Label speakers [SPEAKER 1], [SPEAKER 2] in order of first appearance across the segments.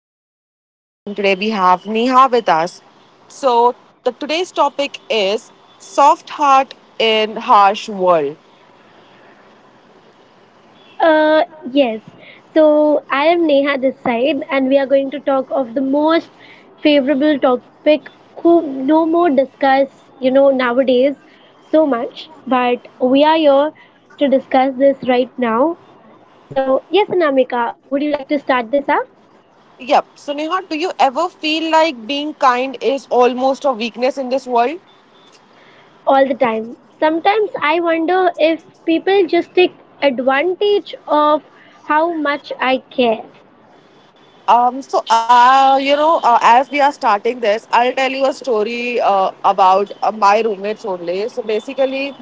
[SPEAKER 1] I'm your host, and today we have Neha with us. So, the today's topic is soft heart in harsh world.
[SPEAKER 2] Uh, yes. So I am Neha this side, and we are going to talk of the most favorable topic who no more discuss nowadays so much. But we are here to discuss this right now. So yes, Anamika, would you like to start this up?
[SPEAKER 1] Yep. So, Neha, do you ever feel like being kind is almost a weakness in this world?
[SPEAKER 2] All the time. Sometimes I wonder if people just take advantage of how much I care.
[SPEAKER 1] As we are starting this, I'll tell you a story about my roommates only. So, basically,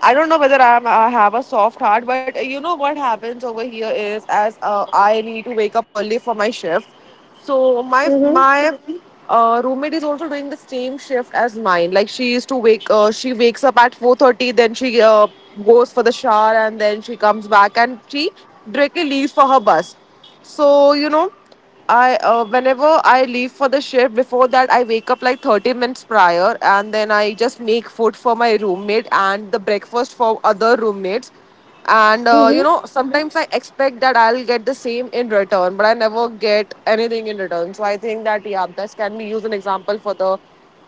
[SPEAKER 1] I don't know whether I have a soft heart, but you know what happens over here is as I need to wake up early for my shift. So my
[SPEAKER 2] Mm-hmm.
[SPEAKER 1] my roommate is also doing the same shift as mine. Like she used to she wakes up at 4:30, then she goes for the shower, and then she comes back and she directly leaves for her bus. So you know, I whenever I leave for the shift, before that I wake up like 30 minutes prior, and then I just make food for my roommate and the breakfast for other roommates and you
[SPEAKER 2] Mm-hmm.
[SPEAKER 1] know sometimes I expect that I'll get the same in return, but I never get anything in return. So I think that yeah, this can be used an example for the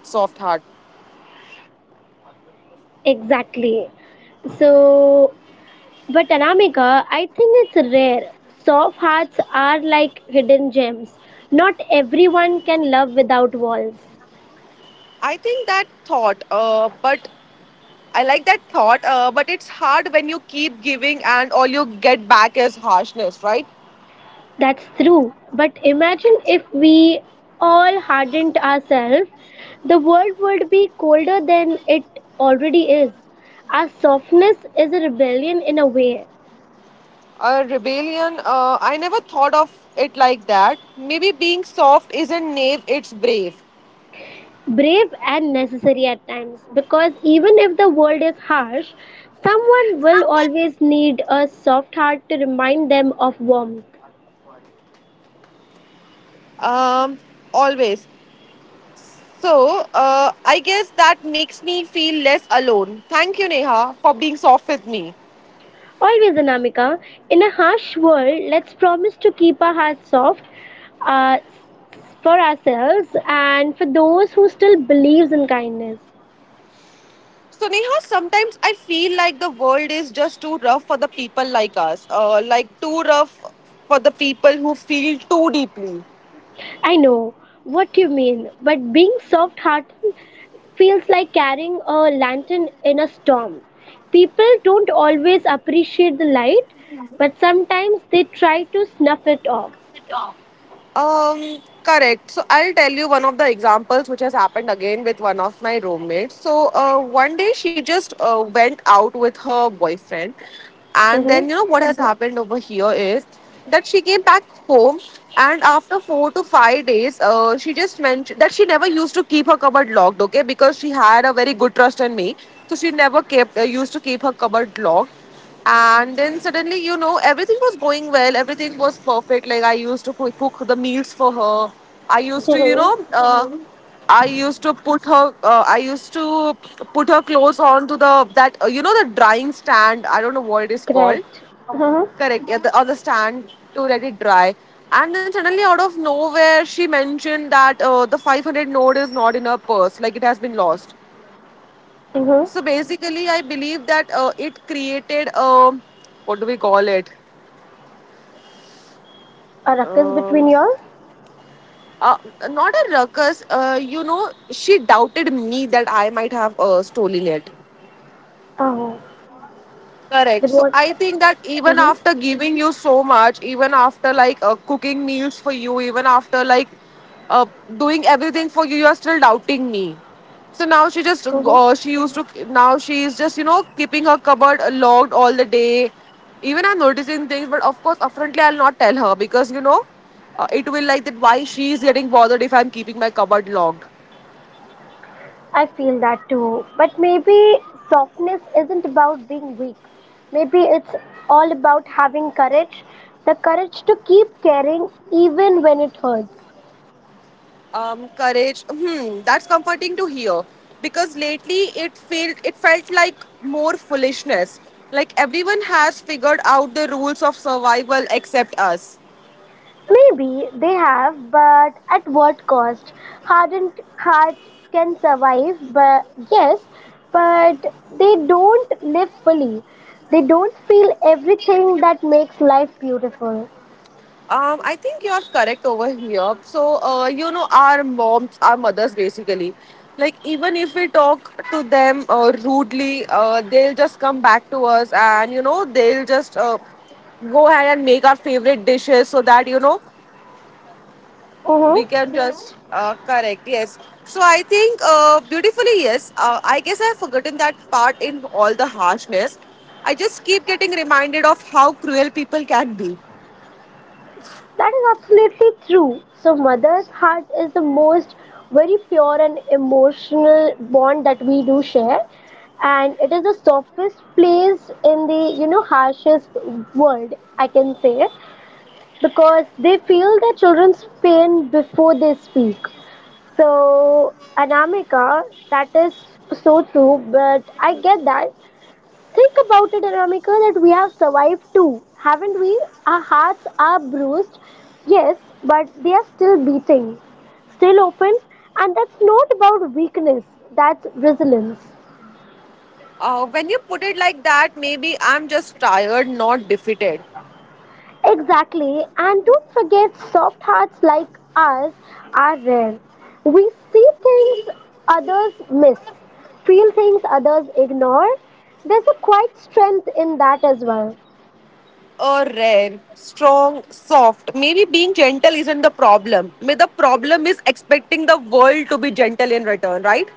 [SPEAKER 1] soft heart.
[SPEAKER 2] Exactly. So, but Anamika, I think it's rare. Soft hearts are like hidden gems. Not everyone can love without walls.
[SPEAKER 1] I think that thought, but I like that thought, but it's hard when you keep giving and all you get back is harshness, right?
[SPEAKER 2] That's true. But imagine if we all hardened ourselves, the world would be colder than it already is. Our softness is a rebellion in a way,
[SPEAKER 1] A rebellion. I never thought of it like that. Maybe being soft isn't naive, it's brave.
[SPEAKER 2] brave and necessary at times, because even if the world is harsh, someone will always need a soft heart to remind them of warmth.
[SPEAKER 1] Um, always. So, I guess that makes me feel less alone. Thank you, Neha, for being soft with me.
[SPEAKER 2] Always, Anamika. In a harsh world, let's promise to keep our hearts soft uh, for ourselves and for those who still believes in kindness.
[SPEAKER 1] So, Neha, sometimes I feel like the world is just too rough for the people like us, like too rough for the people who feel too deeply.
[SPEAKER 2] I know what you mean, but being soft-hearted feels like carrying a lantern in a storm. People don't always appreciate the light, but sometimes they try to snuff it off.
[SPEAKER 1] Correct. So I'll tell you one of the examples which has happened again with one of my roommates. So one day she just went out with her boyfriend, and
[SPEAKER 2] Mm-hmm.
[SPEAKER 1] then you know what has happened over here is that she came back home, and after 4 to 5 days, she just mentioned that she never used to keep her cupboard locked, okay, because she had a very good trust in me. So she never kept used to keep her cupboard locked, and then suddenly, you know, everything was going well. Everything was perfect. Like I used to cook the meals for her. I used to, you
[SPEAKER 2] Mm-hmm.
[SPEAKER 1] know, I used to put her clothes on to the that you know the drying stand. I don't know what it is called.
[SPEAKER 2] Correct. Mm-hmm.
[SPEAKER 1] Correct. Yeah, the, on the stand to let it dry. And then suddenly, out of nowhere, she mentioned that the 500 note is not in her purse. Like it has been lost.
[SPEAKER 2] Mm-hmm.
[SPEAKER 1] So basically, I believe that it created a, what do we call it?
[SPEAKER 2] A ruckus
[SPEAKER 1] Uh,
[SPEAKER 2] between yours?
[SPEAKER 1] uh, Not a ruckus. You know, she doubted me that I might have stolen it.
[SPEAKER 2] Oh.
[SPEAKER 1] Correct.
[SPEAKER 2] With
[SPEAKER 1] So
[SPEAKER 2] what?
[SPEAKER 1] I think that even
[SPEAKER 2] Mm-hmm.
[SPEAKER 1] after giving you so much, even after like cooking meals for you, even after like uh, doing everything for you, you're still doubting me. So now she just she
[SPEAKER 2] Mm-hmm.
[SPEAKER 1] used to now she is just you know keeping her cupboard logged all the day. Even I'm noticing things, but of course, upfrontly I'll not tell her because you know it will like that. Why she is getting bothered if I'm keeping my cupboard logged?
[SPEAKER 2] I feel that too. But maybe softness isn't about being weak. Maybe it's all about having courage, the courage to keep caring even when it hurts.
[SPEAKER 1] Courage. Hmm, that's comforting to hear because lately it felt like more foolishness. Like everyone has figured out the rules of survival except us.
[SPEAKER 2] Maybe they have, but at what cost? Hardened hearts can survive, but yes, but they don't live fully. They don't feel everything that makes life beautiful.
[SPEAKER 1] I think you're correct over here. So you know, our moms, our mothers, basically. Like even if we talk to them rudely, they'll just come back to us, and you know, they'll just go ahead and make our favorite dishes so that you know we
[SPEAKER 2] Mm-hmm.
[SPEAKER 1] can just correct, yes. So I think beautifully, yes, I guess I have forgotten that part in all the harshness. I just keep getting reminded of how cruel people can be.
[SPEAKER 2] That is absolutely true. So, mother's heart is the most very pure and emotional bond that we do share, and it is the softest place in the harshest world, I can say, because they feel their children's pain before they speak. So, Anamika, that is so true, but I get that. Think about it, Aramika, that we have survived too, haven't we? Our hearts are bruised, yes, but they are still beating, still open, and that's not about weakness, that's resilience.
[SPEAKER 1] When you put it like that, maybe I'm just tired, not defeated.
[SPEAKER 2] Exactly, and don't forget, soft hearts like ours are rare. We see things others miss, feel things others ignore. There's a quiet strength in that as well.
[SPEAKER 1] Rare, strong, soft. Maybe being gentle isn't the problem. May the problem is expecting the world to be gentle in return, right?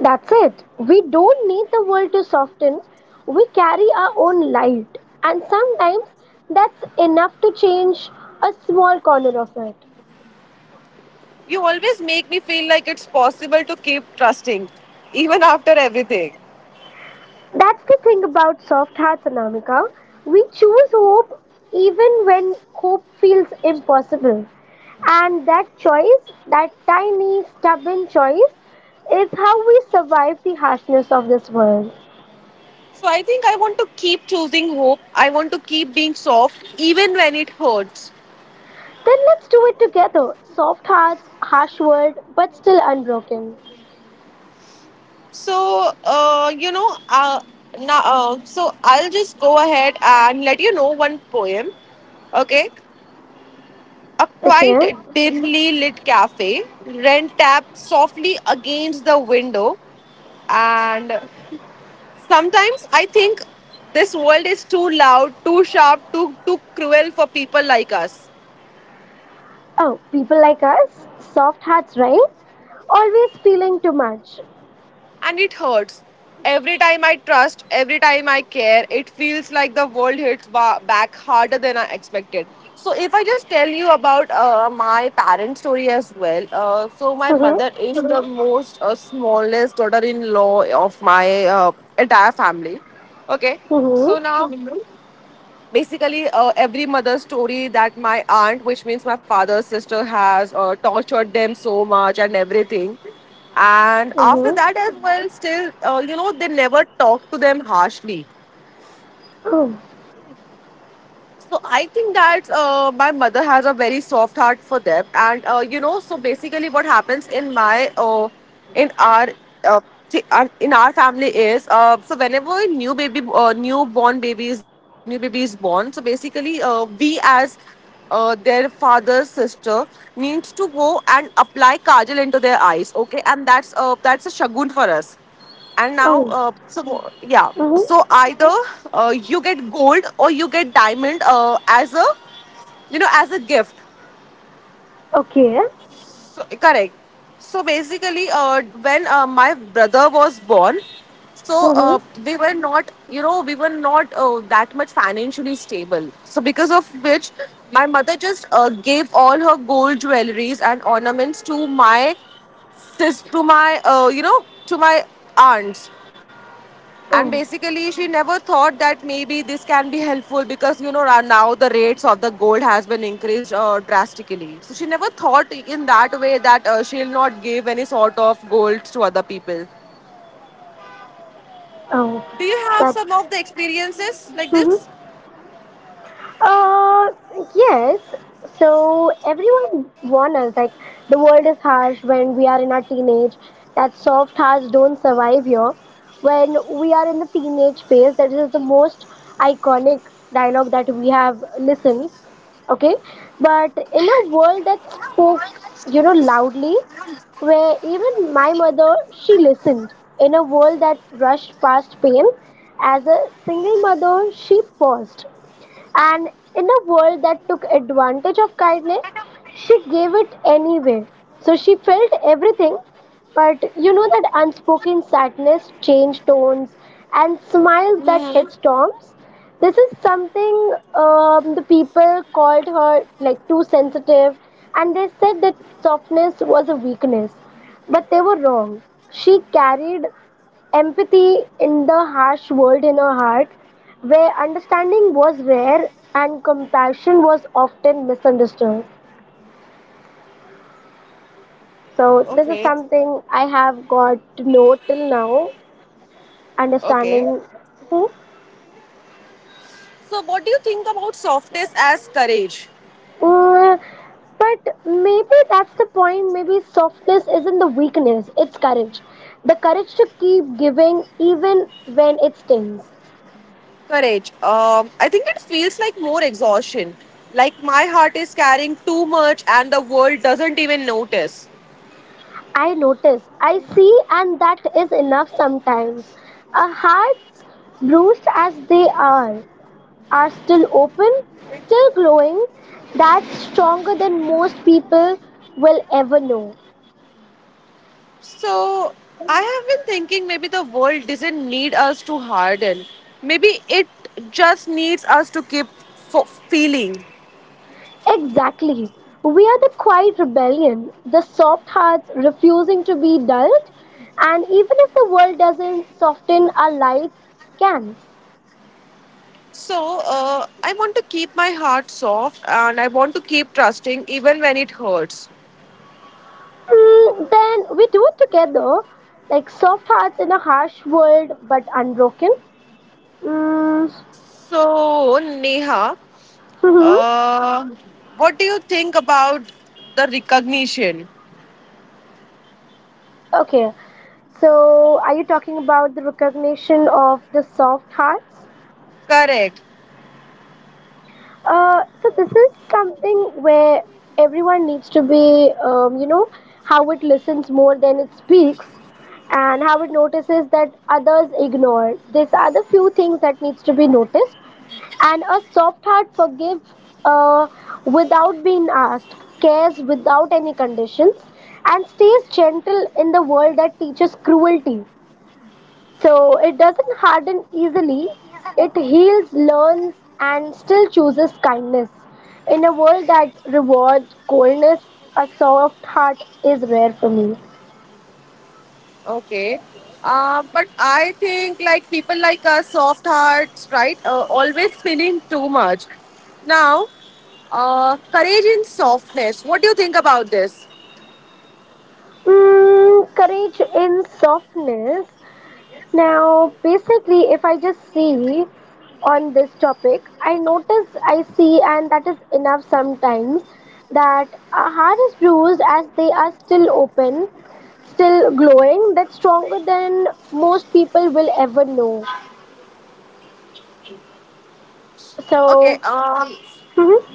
[SPEAKER 2] That's it. We don't need the world to soften. We carry our own light, and sometimes that's enough to change a small corner of it.
[SPEAKER 1] You always make me feel like it's possible to keep trusting even after everything.
[SPEAKER 2] That's the thing about soft hearts, Anamika. We choose hope even when hope feels impossible. And that choice, that tiny, stubborn choice, is how we survive the harshness of this world.
[SPEAKER 1] So I think I want to keep choosing hope. I want to keep being soft, even when it hurts.
[SPEAKER 2] Then let's do it together. Soft hearts, harsh world, but still unbroken.
[SPEAKER 1] So So I'll just go ahead and let you know one poem. Okay, a
[SPEAKER 2] Okay.
[SPEAKER 1] quite dimly lit cafe. Ren tapped softly against the window, and sometimes I think this world is too loud, too sharp, too cruel for people like us.
[SPEAKER 2] Oh, people like us, soft hearts, right? Always feeling too much.
[SPEAKER 1] And it hurts. Every time I trust, every time I care, it feels like the world hits back harder than I expected. So, if I just tell you about my parent story as well, so my
[SPEAKER 2] Mm-hmm.
[SPEAKER 1] mother is the most smallest daughter in law of my entire family. Okay,
[SPEAKER 2] Mm-hmm.
[SPEAKER 1] basically every mother's story that my aunt, which means my father's sister, has tortured them so much and everything. And after
[SPEAKER 2] Mm-hmm.
[SPEAKER 1] that as well, still, you know, they never talk to them harshly.
[SPEAKER 2] Oh.
[SPEAKER 1] So I think that my mother has a very soft heart for them, and you know, so basically, what happens in my in our uh, in our family is so whenever a new baby, newborn baby is there, a new baby is born. So basically, we as their father's sister needs to go and apply kajal into their eyes, okay, and that's a shagun for us. And now
[SPEAKER 2] Oh.
[SPEAKER 1] so yeah,
[SPEAKER 2] Mm-hmm.
[SPEAKER 1] so either you get gold or you get diamond as a, you know, as a gift.
[SPEAKER 2] Okay.
[SPEAKER 1] So correct. So basically when my brother was born, so
[SPEAKER 2] Mm-hmm.
[SPEAKER 1] we were not, you know, we were not that much financially stable, so because of which my mother just gave all her gold jewelries and ornaments to my sis to my you know to my aunt And
[SPEAKER 2] Oh.
[SPEAKER 1] basically, she never thought that maybe this can be helpful because you know now the rates of the gold has been increased drastically. So she never thought in that way that she'll not give any sort of gold to other people.
[SPEAKER 2] Oh.
[SPEAKER 1] Do you have
[SPEAKER 2] That.
[SPEAKER 1] some of the experiences like this?
[SPEAKER 2] Mm-hmm. Yes. So everyone warns us like the world is harsh when we are in our teenage. That soft hearts don't survive here. When we are in the teenage phase, that is the most iconic dialogue that we have listened, okay, but in a world that spoke loudly, where even my mother she listened, in a world that rushed past pain as a single mother she paused, and in a world that took advantage of kindness, she gave it anyway. So she felt everything, but that unspoken sadness, changed tones, and smiles that
[SPEAKER 1] Hmm.
[SPEAKER 2] hit storms. This is something, the people called her like too sensitive, and they said that softness was a weakness. But they were wrong. She carried empathy in the harsh world in her heart, where understanding was rare and compassion was often misunderstood. So, this is
[SPEAKER 1] Okay.
[SPEAKER 2] something I have got to know till now,
[SPEAKER 1] Okay.
[SPEAKER 2] understanding. Hmm.
[SPEAKER 1] So, what do you think about softness as courage?
[SPEAKER 2] Mm, but maybe that's the point. Maybe softness isn't the weakness, it's courage. The courage to keep giving even when it stings.
[SPEAKER 1] Courage. I think it feels like more exhaustion. Like my heart is carrying too much, and the world doesn't even notice.
[SPEAKER 2] I notice, I see, and that is enough sometimes. Our hearts, bruised as they are still open, still glowing. That's stronger than most people will ever know.
[SPEAKER 1] So I have been thinking maybe the world doesn't need us to harden. Maybe it just needs us to keep feeling.
[SPEAKER 2] Exactly. We are the quiet rebellion, the soft hearts refusing to be dulled. And even if the world doesn't soften, our lights can.
[SPEAKER 1] So I want to keep my heart soft and I want to keep trusting even when it hurts.
[SPEAKER 2] Then we do it together, like soft hearts in a harsh world, but unbroken. Mm,
[SPEAKER 1] So Neha,
[SPEAKER 2] hmm.
[SPEAKER 1] uh, what do you think about the recognition?
[SPEAKER 2] Okay. So, are you talking about the recognition of the soft hearts?
[SPEAKER 1] Correct.
[SPEAKER 2] So this is something where everyone needs to be, how it listens more than it speaks, and how it notices that others ignore. These are the few things that needs to be noticed, and a soft heart forgive uh, without being asked, cares without any conditions, and stays gentle in the world that teaches cruelty. So it doesn't harden easily, it heals, learns, and still chooses kindness. In a world that rewards coldness, a soft heart is rare for me.
[SPEAKER 1] Okay. But I think like people like us, soft hearts, right? Always feeling too much. Now, courage in softness. What do you think about this?
[SPEAKER 2] Courage in softness. Now, basically, if I just see on this topic, I notice, I see, and that is enough sometimes that a heart is bruised as they are still open, still glowing. That's stronger than most people will ever know.
[SPEAKER 1] Okay.
[SPEAKER 2] So, mhm,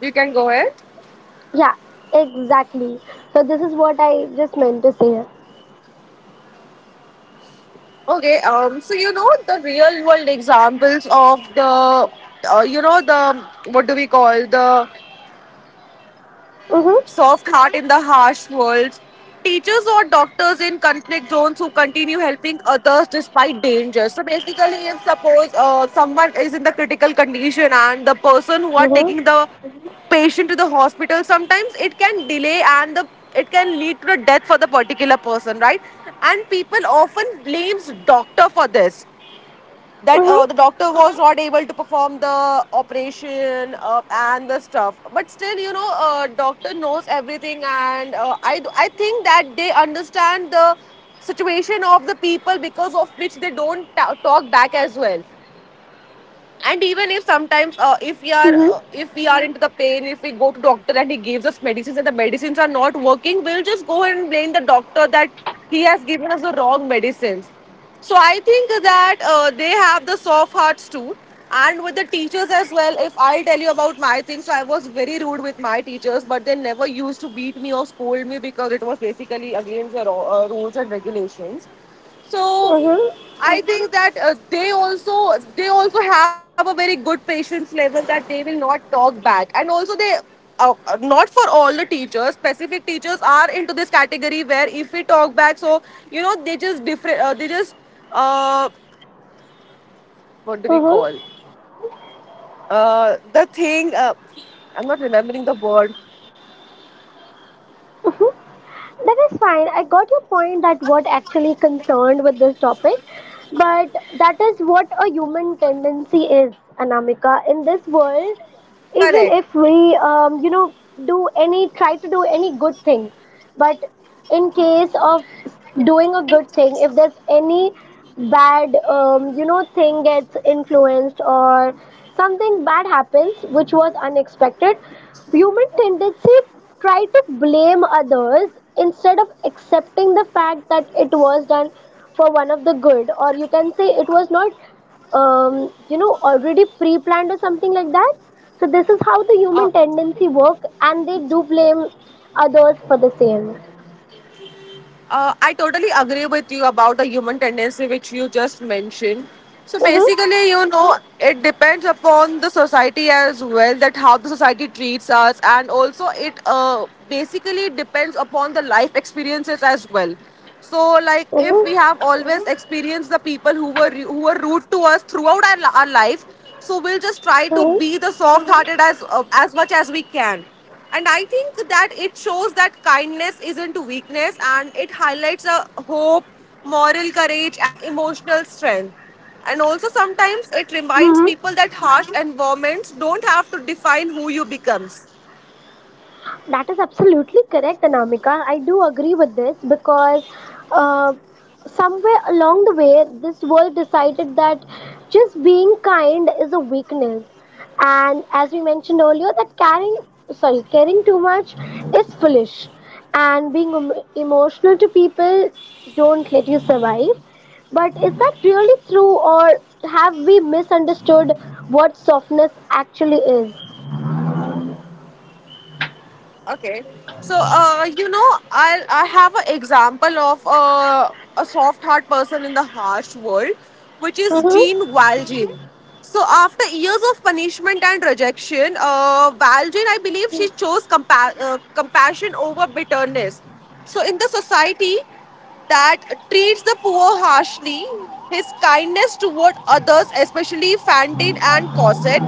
[SPEAKER 1] You can go ahead.
[SPEAKER 2] yeah, exactly. So, this is what I just meant to say.
[SPEAKER 1] Okay. So you know the real world examples of the, you know the what do we call the
[SPEAKER 2] Mm-hmm.
[SPEAKER 1] soft heart in the harsh world, teachers or doctors in conflict zones who continue helping others despite danger. So basically, if suppose someone is in the critical condition and the person who are
[SPEAKER 2] Mm-hmm.
[SPEAKER 1] taking the patient to the hospital, sometimes it can delay and the it can lead to the death for the particular person, right? And people often blames doctor for this that
[SPEAKER 2] Mm-hmm.
[SPEAKER 1] the doctor was not able to perform the operation and the stuff, but still you know doctor knows everything and I think that they understand the situation of the people because of which they don't talk back as well. And even if sometimes
[SPEAKER 2] Mm-hmm.
[SPEAKER 1] if we are into the pain, if we go to doctor and he gives us medicines and the medicines are not working, we'll just go and blame the doctor that he has given us the wrong medicines. So I think that they have the soft hearts too. And with the teachers as well, if I tell you about my thing, so I was very rude with my teachers but they never used to beat me or scold me because it was basically against the rules and regulations. So
[SPEAKER 2] Mm-hmm.
[SPEAKER 1] I think that they also they also have a very good patience level that they will not talk back, and also they. Not for all the teachers, specific teachers are into this category where if we talk back, so you know they just different they just uh, what do we
[SPEAKER 2] Mm-hmm.
[SPEAKER 1] call the thing I'm not remembering the word
[SPEAKER 2] Mm-hmm. That is fine. I got your point that what actually concerned with this topic, but that is what a human tendency is, Anamika. In this
[SPEAKER 1] correct.
[SPEAKER 2] world, even if we do any try to do any good thing, but in case of doing a good thing, if there's any bad thing gets influenced or something bad happens which was unexpected, human tendency try to blame others instead of accepting the fact that it was done for one of the good, or you can say it was not already pre-planned or something like that. So this is how the
[SPEAKER 1] Uh,
[SPEAKER 2] human tendency work, and they do blame others for the same.
[SPEAKER 1] I totally agree with you about the human tendency which you just mentioned. So
[SPEAKER 2] Mhm.
[SPEAKER 1] basically, you know, it depends upon the society as well, that how the society treats us, and also it basically depends upon the life experiences as well. So, like, if
[SPEAKER 2] Mhm.
[SPEAKER 1] we have always experienced the people who were rude to us throughout our life, so we'll just try to
[SPEAKER 2] Mhm.
[SPEAKER 1] be the soft-hearted as much as we can. And I think that it shows that kindness isn't weakness, and it highlights a hope, moral courage, and emotional strength. And also, sometimes it reminds
[SPEAKER 2] Mhm.
[SPEAKER 1] people that harsh environments don't have to define who you becomes.
[SPEAKER 2] That is absolutely correct, Anamika. I do agree with this because uh, somewhere along the way, this world decided that just being kind is a weakness, and as we mentioned earlier, that caring, sorry, caring too much is foolish, and being emotional to people don't let you survive. But is that really true, or have we misunderstood what softness actually is?
[SPEAKER 1] Okay. So, you know, I have an example of a soft heart person in the harsh world, which is
[SPEAKER 2] Mm-hmm.
[SPEAKER 1] Jean Valjean. So, after years of punishment and rejection, Valjean, I believe, she chose compassion over bitterness. So, in the society that treats the poor harshly, his kindness toward others, especially Fantine and Cosette,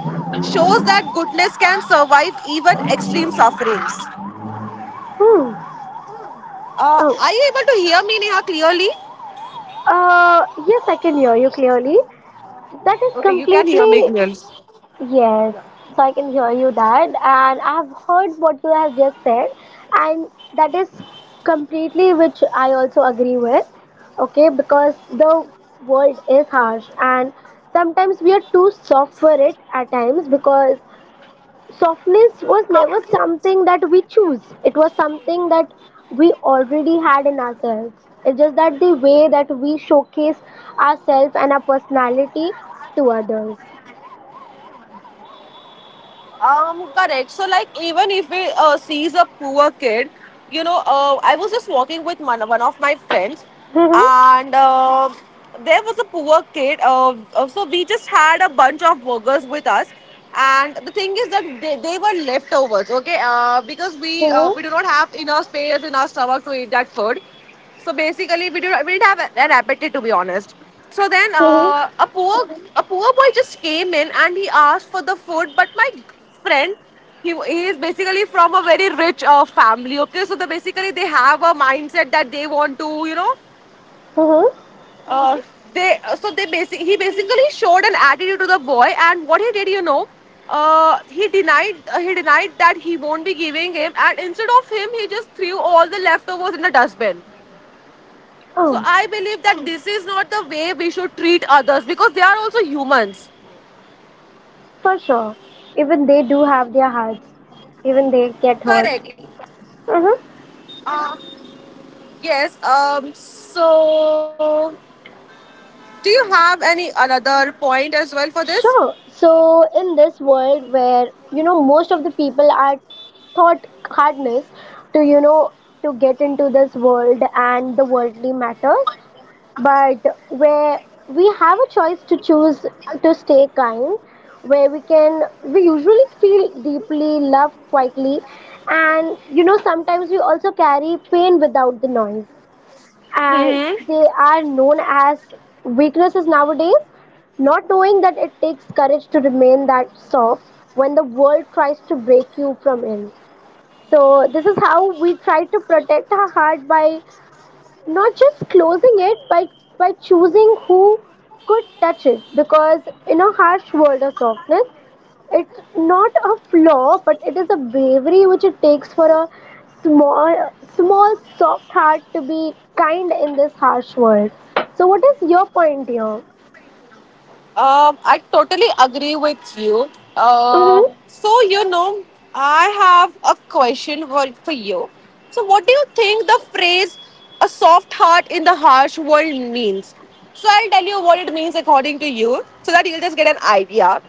[SPEAKER 1] shows that goodness can survive even extreme sufferings.
[SPEAKER 2] Hmm. Oh.
[SPEAKER 1] Are you able to hear me, Neha, clearly?
[SPEAKER 2] Yes, I can hear you clearly. That is
[SPEAKER 1] Okay, you can hear me
[SPEAKER 2] completely
[SPEAKER 1] clearly.
[SPEAKER 2] yes. So I can hear you that, and I've heard what you have just said, and that is completely which I also agree with. Okay, because the world is harsh, and sometimes we are too soft for it at times, because softness was never something that we choose, it was something that we already had in ourselves. It's just that the way that we showcase ourselves and our personality to others.
[SPEAKER 1] Correct. So, like, even if we sees a poor kid, you know, I was just walking with one of my friends,
[SPEAKER 2] Hmm.
[SPEAKER 1] and there was a poor kid. So we just had a bunch of burgers with us, and the thing is that they were leftovers. Okay, because
[SPEAKER 2] Hmm.
[SPEAKER 1] we do not have enough space in our stomach to eat that food. So basically, we didn't have an appetite, to be honest. So then,
[SPEAKER 2] Hmm.
[SPEAKER 1] a poor boy just came in and he asked for the food. But my friend, he is basically from a very rich family. Okay, so the basically they have a mindset that they want to, you know,
[SPEAKER 2] Hmm.
[SPEAKER 1] uh, they so they basic he basically showed an attitude to the boy. And what he did, you know, he denied that he won't be giving him. And instead of him, he just threw all the leftovers in the dustbin. So
[SPEAKER 2] Oh,
[SPEAKER 1] I believe that this is not the way we should treat others, because they are also humans.
[SPEAKER 2] for sure, even they do have their hearts, even they get hurt.
[SPEAKER 1] Correct.
[SPEAKER 2] Hmm.
[SPEAKER 1] Yes. So, do you have any another point as well for this?
[SPEAKER 2] Sure. So in this world where most of the people are taught hardness to you know to get into this world and the worldly matters, but where we have a choice to choose to stay kind, where we usually feel deeply loved quietly, and sometimes we also carry pain without the noise, and
[SPEAKER 1] Mm-hmm.
[SPEAKER 2] they are known as weaknesses nowadays, not knowing that it takes courage to remain that soft when the world tries to break you from in. So this is how we try to protect our heart by not just closing it, by choosing who could touch it, because in a harsh world of softness it's not a flaw, but it is a bravery which it takes for a small soft heart to be kind in this harsh world. So what is your point here?
[SPEAKER 1] I totally agree with you.
[SPEAKER 2] Mm-hmm.
[SPEAKER 1] So you know, I have a question for you. So, what do you think the phrase "a soft heart in the harsh world" means? So, I'll tell you what it means according to you, so that you'll just get an idea.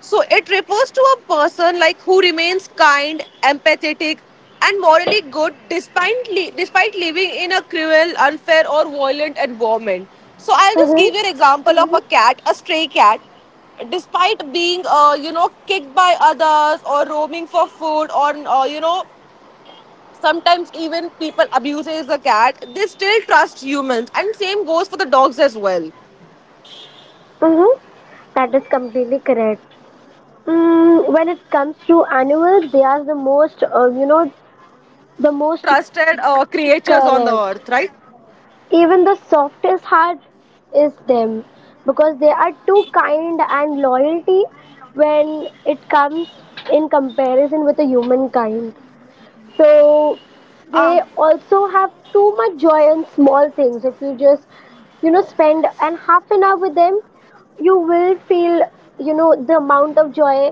[SPEAKER 1] So it refers to a person like who remains kind, empathetic, and morally good despite despite living in a cruel, unfair, or violent environment. So I'll just give
[SPEAKER 2] Mm-hmm.
[SPEAKER 1] you an example of a cat, a stray cat. Despite being, you know, kicked by others or roaming for food, or you know, sometimes even people abuses the cat. They still trust humans, and same goes for the dogs as well.
[SPEAKER 2] Mm-hmm. That is completely correct. When it comes to animals, they are the most, the most
[SPEAKER 1] Trusted creatures on the
[SPEAKER 2] correct.
[SPEAKER 1] earth, right?
[SPEAKER 2] Even the softest heart is them because they are too kind and loyalty when it comes in comparison with the humankind. So they also have too much joy in small things. If you just spend an half an hour with them, you will feel the amount of joy,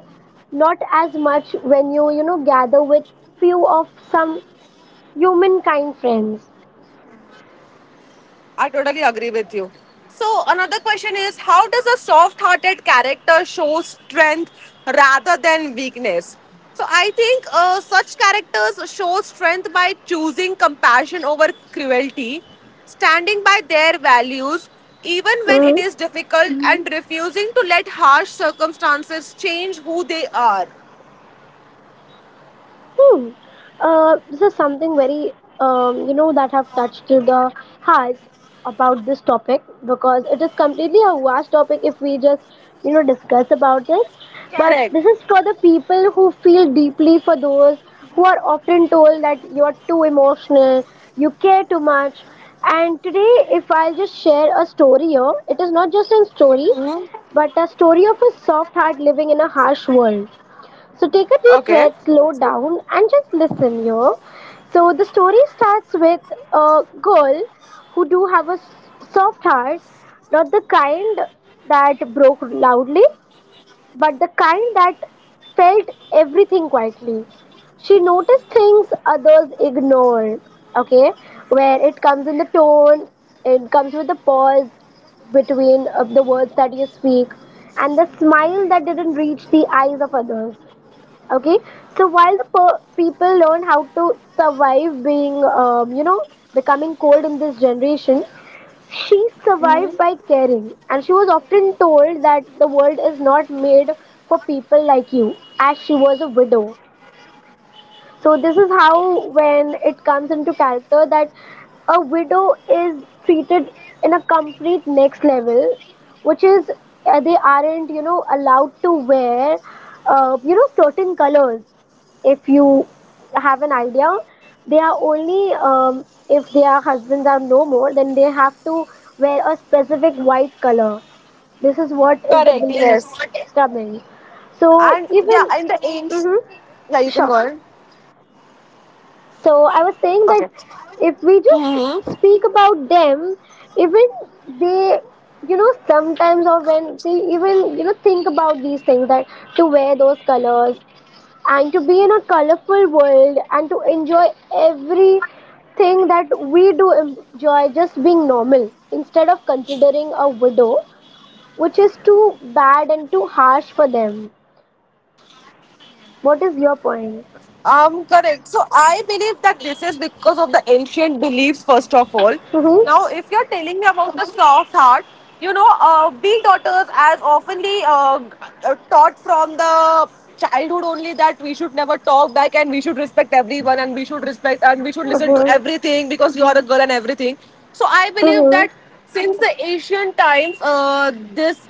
[SPEAKER 2] not as much when you know gather with few of some humankind friends.
[SPEAKER 1] I totally agree with you. So, another question is, how does a soft hearted character show strength rather than weakness? So, I think such characters show strength by choosing compassion over cruelty, standing by their values even when it is
[SPEAKER 2] Hmm.
[SPEAKER 1] difficult, Mhm, and refusing to let harsh circumstances change who they are.
[SPEAKER 2] Hmm. This is something very, that have touched to the hearts about this topic, because it is completely a vast topic if we just, discuss about this.
[SPEAKER 1] Correct.
[SPEAKER 2] But this is for the people who feel deeply for those who are often told that you are too emotional, you care too much. And today, if I'll just share a story here, it is not just a story, but a story of a soft heart living in a harsh world. So take a deep
[SPEAKER 1] Okay.
[SPEAKER 2] breath, slow down, and just listen here. So the story starts with a girl who do have a soft heart, not the kind that broke loudly, but the kind that felt everything quietly. She noticed things others ignore. Okay, where it comes in the tone, it comes with the pause between the words that you speak, and the smile that didn't reach the eyes of others. Okay. So while the people learn how to survive being, becoming cold in this generation, she survived by caring, and she was often told that the world is not made for people like you, as she was a widow. So this is how, when it comes into character, that a widow is treated in a complete next level, which is, they aren't, you know, allowed to wear, you know, certain colors. If you have an idea, they are only, if their husbands are no more, then they have to wear a specific white color. This is what is the
[SPEAKER 1] Correct, yes.
[SPEAKER 2] belief coming.
[SPEAKER 1] And
[SPEAKER 2] So
[SPEAKER 1] yeah,
[SPEAKER 2] even,
[SPEAKER 1] in the age.
[SPEAKER 2] mm-hmm,
[SPEAKER 1] Yeah, you can go
[SPEAKER 2] sure.
[SPEAKER 1] on.
[SPEAKER 2] So I was saying that
[SPEAKER 1] Okay.
[SPEAKER 2] if we just
[SPEAKER 1] Mm-hmm.
[SPEAKER 2] speak about them, even they, you know, sometimes, or when they even, you know, think about these things, that to wear those colors and to be in a colorful world and to enjoy everything that we do enjoy, just being normal instead of considering a widow, which is too bad and too harsh for them. What is your point?
[SPEAKER 1] Correct. So I believe that this is because of the ancient beliefs, first of all. Now, if
[SPEAKER 2] Mm-hmm.
[SPEAKER 1] you're telling me about the soft heart, you know, we daughters as oftenly taught from the childhood only that we should never talk back, and we should respect everyone, and we should listen to
[SPEAKER 2] Mm-hmm.
[SPEAKER 1] everything because you are a girl and everything. So I believe
[SPEAKER 2] Mm-hmm.
[SPEAKER 1] that since the ancient times, uh, this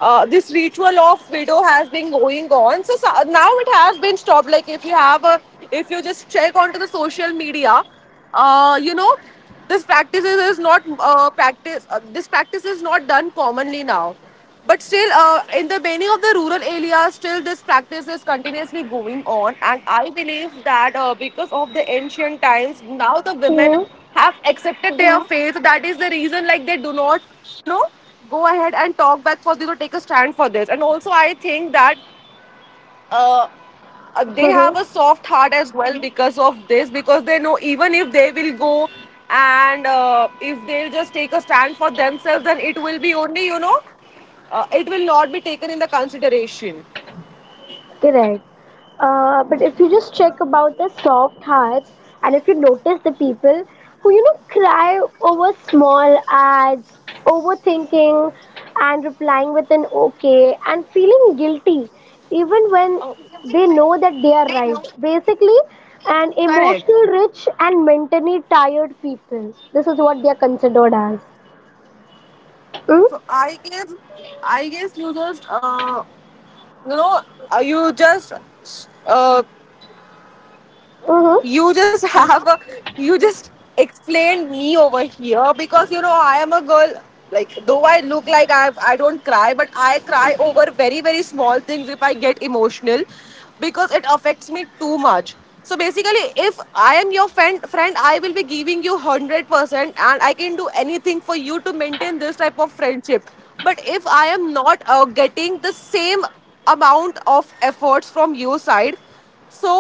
[SPEAKER 1] uh, this ritual of widow has been going on. So, so now it has been stopped. Like if you have a, if you just check onto the social media, you know, this practice is not practice. This practice is not done commonly now. But still, in the many of the rural areas, still this practice is continuously going on. And I believe that because of the ancient times, now the women have accepted their faith. That is the reason, like they do not, you know, go ahead and talk back for this or take a stand for this. And also, I think that uh, they
[SPEAKER 2] Mm-hmm.
[SPEAKER 1] have a soft heart as well because of this, because they know even if they will go and if they'll just take a stand for themselves, then it will be only, you know, it will not be taken in the consideration.
[SPEAKER 2] Correct. But if you just check about the soft hearts, and if you notice the people who, you know, cry over small ads, overthinking and replying with an okay and feeling guilty even when
[SPEAKER 1] Oh,
[SPEAKER 2] they know that they are right. Basically, an
[SPEAKER 1] correct.
[SPEAKER 2] emotional rich and mentally tired people. This is what they are considered as. Mm?
[SPEAKER 1] So I guess, you just, you know, uh, you just uh,
[SPEAKER 2] Mm-hmm.
[SPEAKER 1] you just have a you just explained me over here, because you know I am a girl. Like though I look like I don't cry, but I cry over very, very small things if I get emotional, because it affects me too much. So basically, if I am your friend, I will be giving you 100%, and I can do anything for you to maintain this type of friendship. But if I am not getting the same amount of efforts from your side, so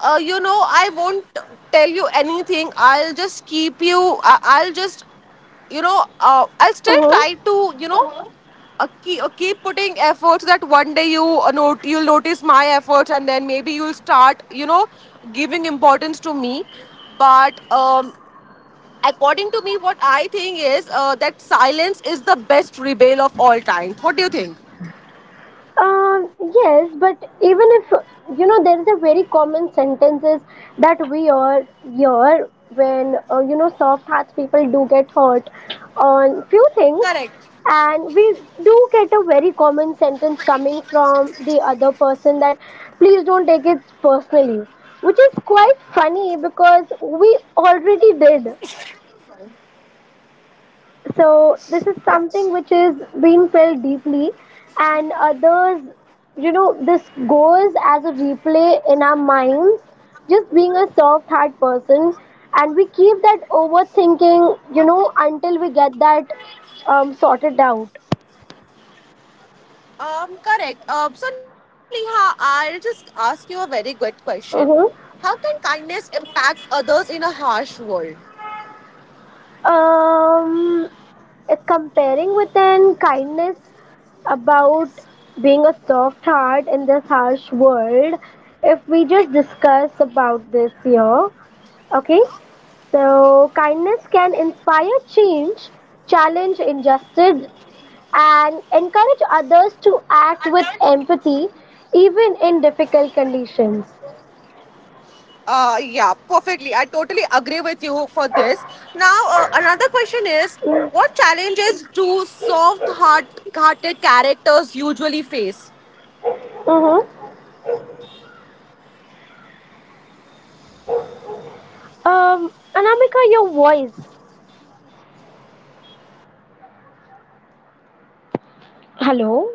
[SPEAKER 1] you know, I won't tell you anything. I'll just keep you I- I'll just you know I'll still
[SPEAKER 2] Mm-hmm.
[SPEAKER 1] try to you know uh-huh. Keep, keep putting efforts that one day you you'll notice my efforts, and then maybe you'll start, you know, giving importance to me. But according to me, what I think is that silence is the best rebel of all time. What do you think?
[SPEAKER 2] Yes, but even if, you know, there is a very common sentences that we all hear when, you know, soft hearts people do get hurt on few things,
[SPEAKER 1] Correct.
[SPEAKER 2] and we do get a very common sentence coming from the other person that please don't take it personally, which is quite funny because we already did. So this is
[SPEAKER 1] Yeah.
[SPEAKER 2] something which is being felt deeply, and others, you know, this goes as a replay in our minds, just being a soft heart person, and we keep that overthinking, you know, until we get that sorted out.
[SPEAKER 1] Correct. So, Neha, I'll just ask you a very good question.
[SPEAKER 2] Mhm.
[SPEAKER 1] How can kindness impact others in a harsh world?
[SPEAKER 2] Um, Comparing with an kindness about being a soft heart in this harsh world, if we just discuss about this here, okay, so kindness can inspire change, challenge injustice, and encourage others to act with empathy even in difficult conditions.
[SPEAKER 1] Yeah, perfectly. I totally agree with you for this. Now, another question is, what challenges do soft hearted characters usually face?
[SPEAKER 2] Mm-hmm. Anamika, your voice. Hello.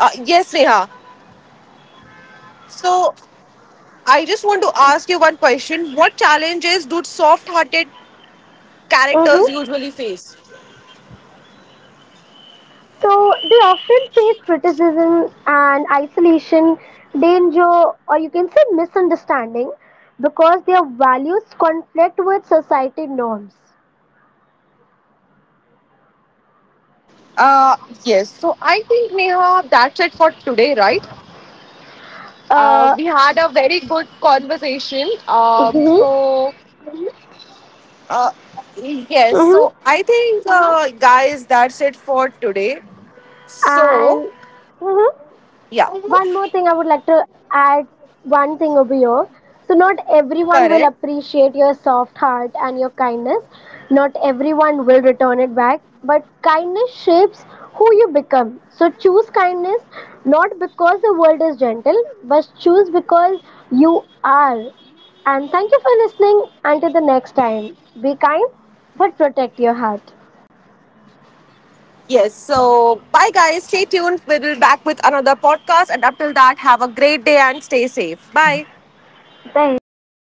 [SPEAKER 1] Yes, Neha. So, I just want to ask you one question. What challenges do soft hearted characters
[SPEAKER 2] Mm-hmm.
[SPEAKER 1] usually face?
[SPEAKER 2] So they often face criticism and isolation, danger, or you can say misunderstanding, because their values conflict with society norms.
[SPEAKER 1] Uh, yes. So I think, Neha, that's it for today, right?
[SPEAKER 2] Uh,
[SPEAKER 1] We had a very good conversation.
[SPEAKER 2] mhm,
[SPEAKER 1] So uh, yes.
[SPEAKER 2] mhm,
[SPEAKER 1] So I think, guys, that's it for today. So
[SPEAKER 2] and mhm.
[SPEAKER 1] yeah,
[SPEAKER 2] One more thing I would like to add one thing over here. So not everyone will
[SPEAKER 1] correct.
[SPEAKER 2] appreciate your soft heart and your kindness. Not everyone will return it back, but kindness shapes who you become. So choose kindness not because the world is gentle, but choose because you are. And thank you for listening. Until the next time, be kind but protect your heart.
[SPEAKER 1] Yes. So bye, guys. Stay tuned. We'll be back with another podcast, and up till that, have a great day and stay safe. Bye.
[SPEAKER 2] Bye.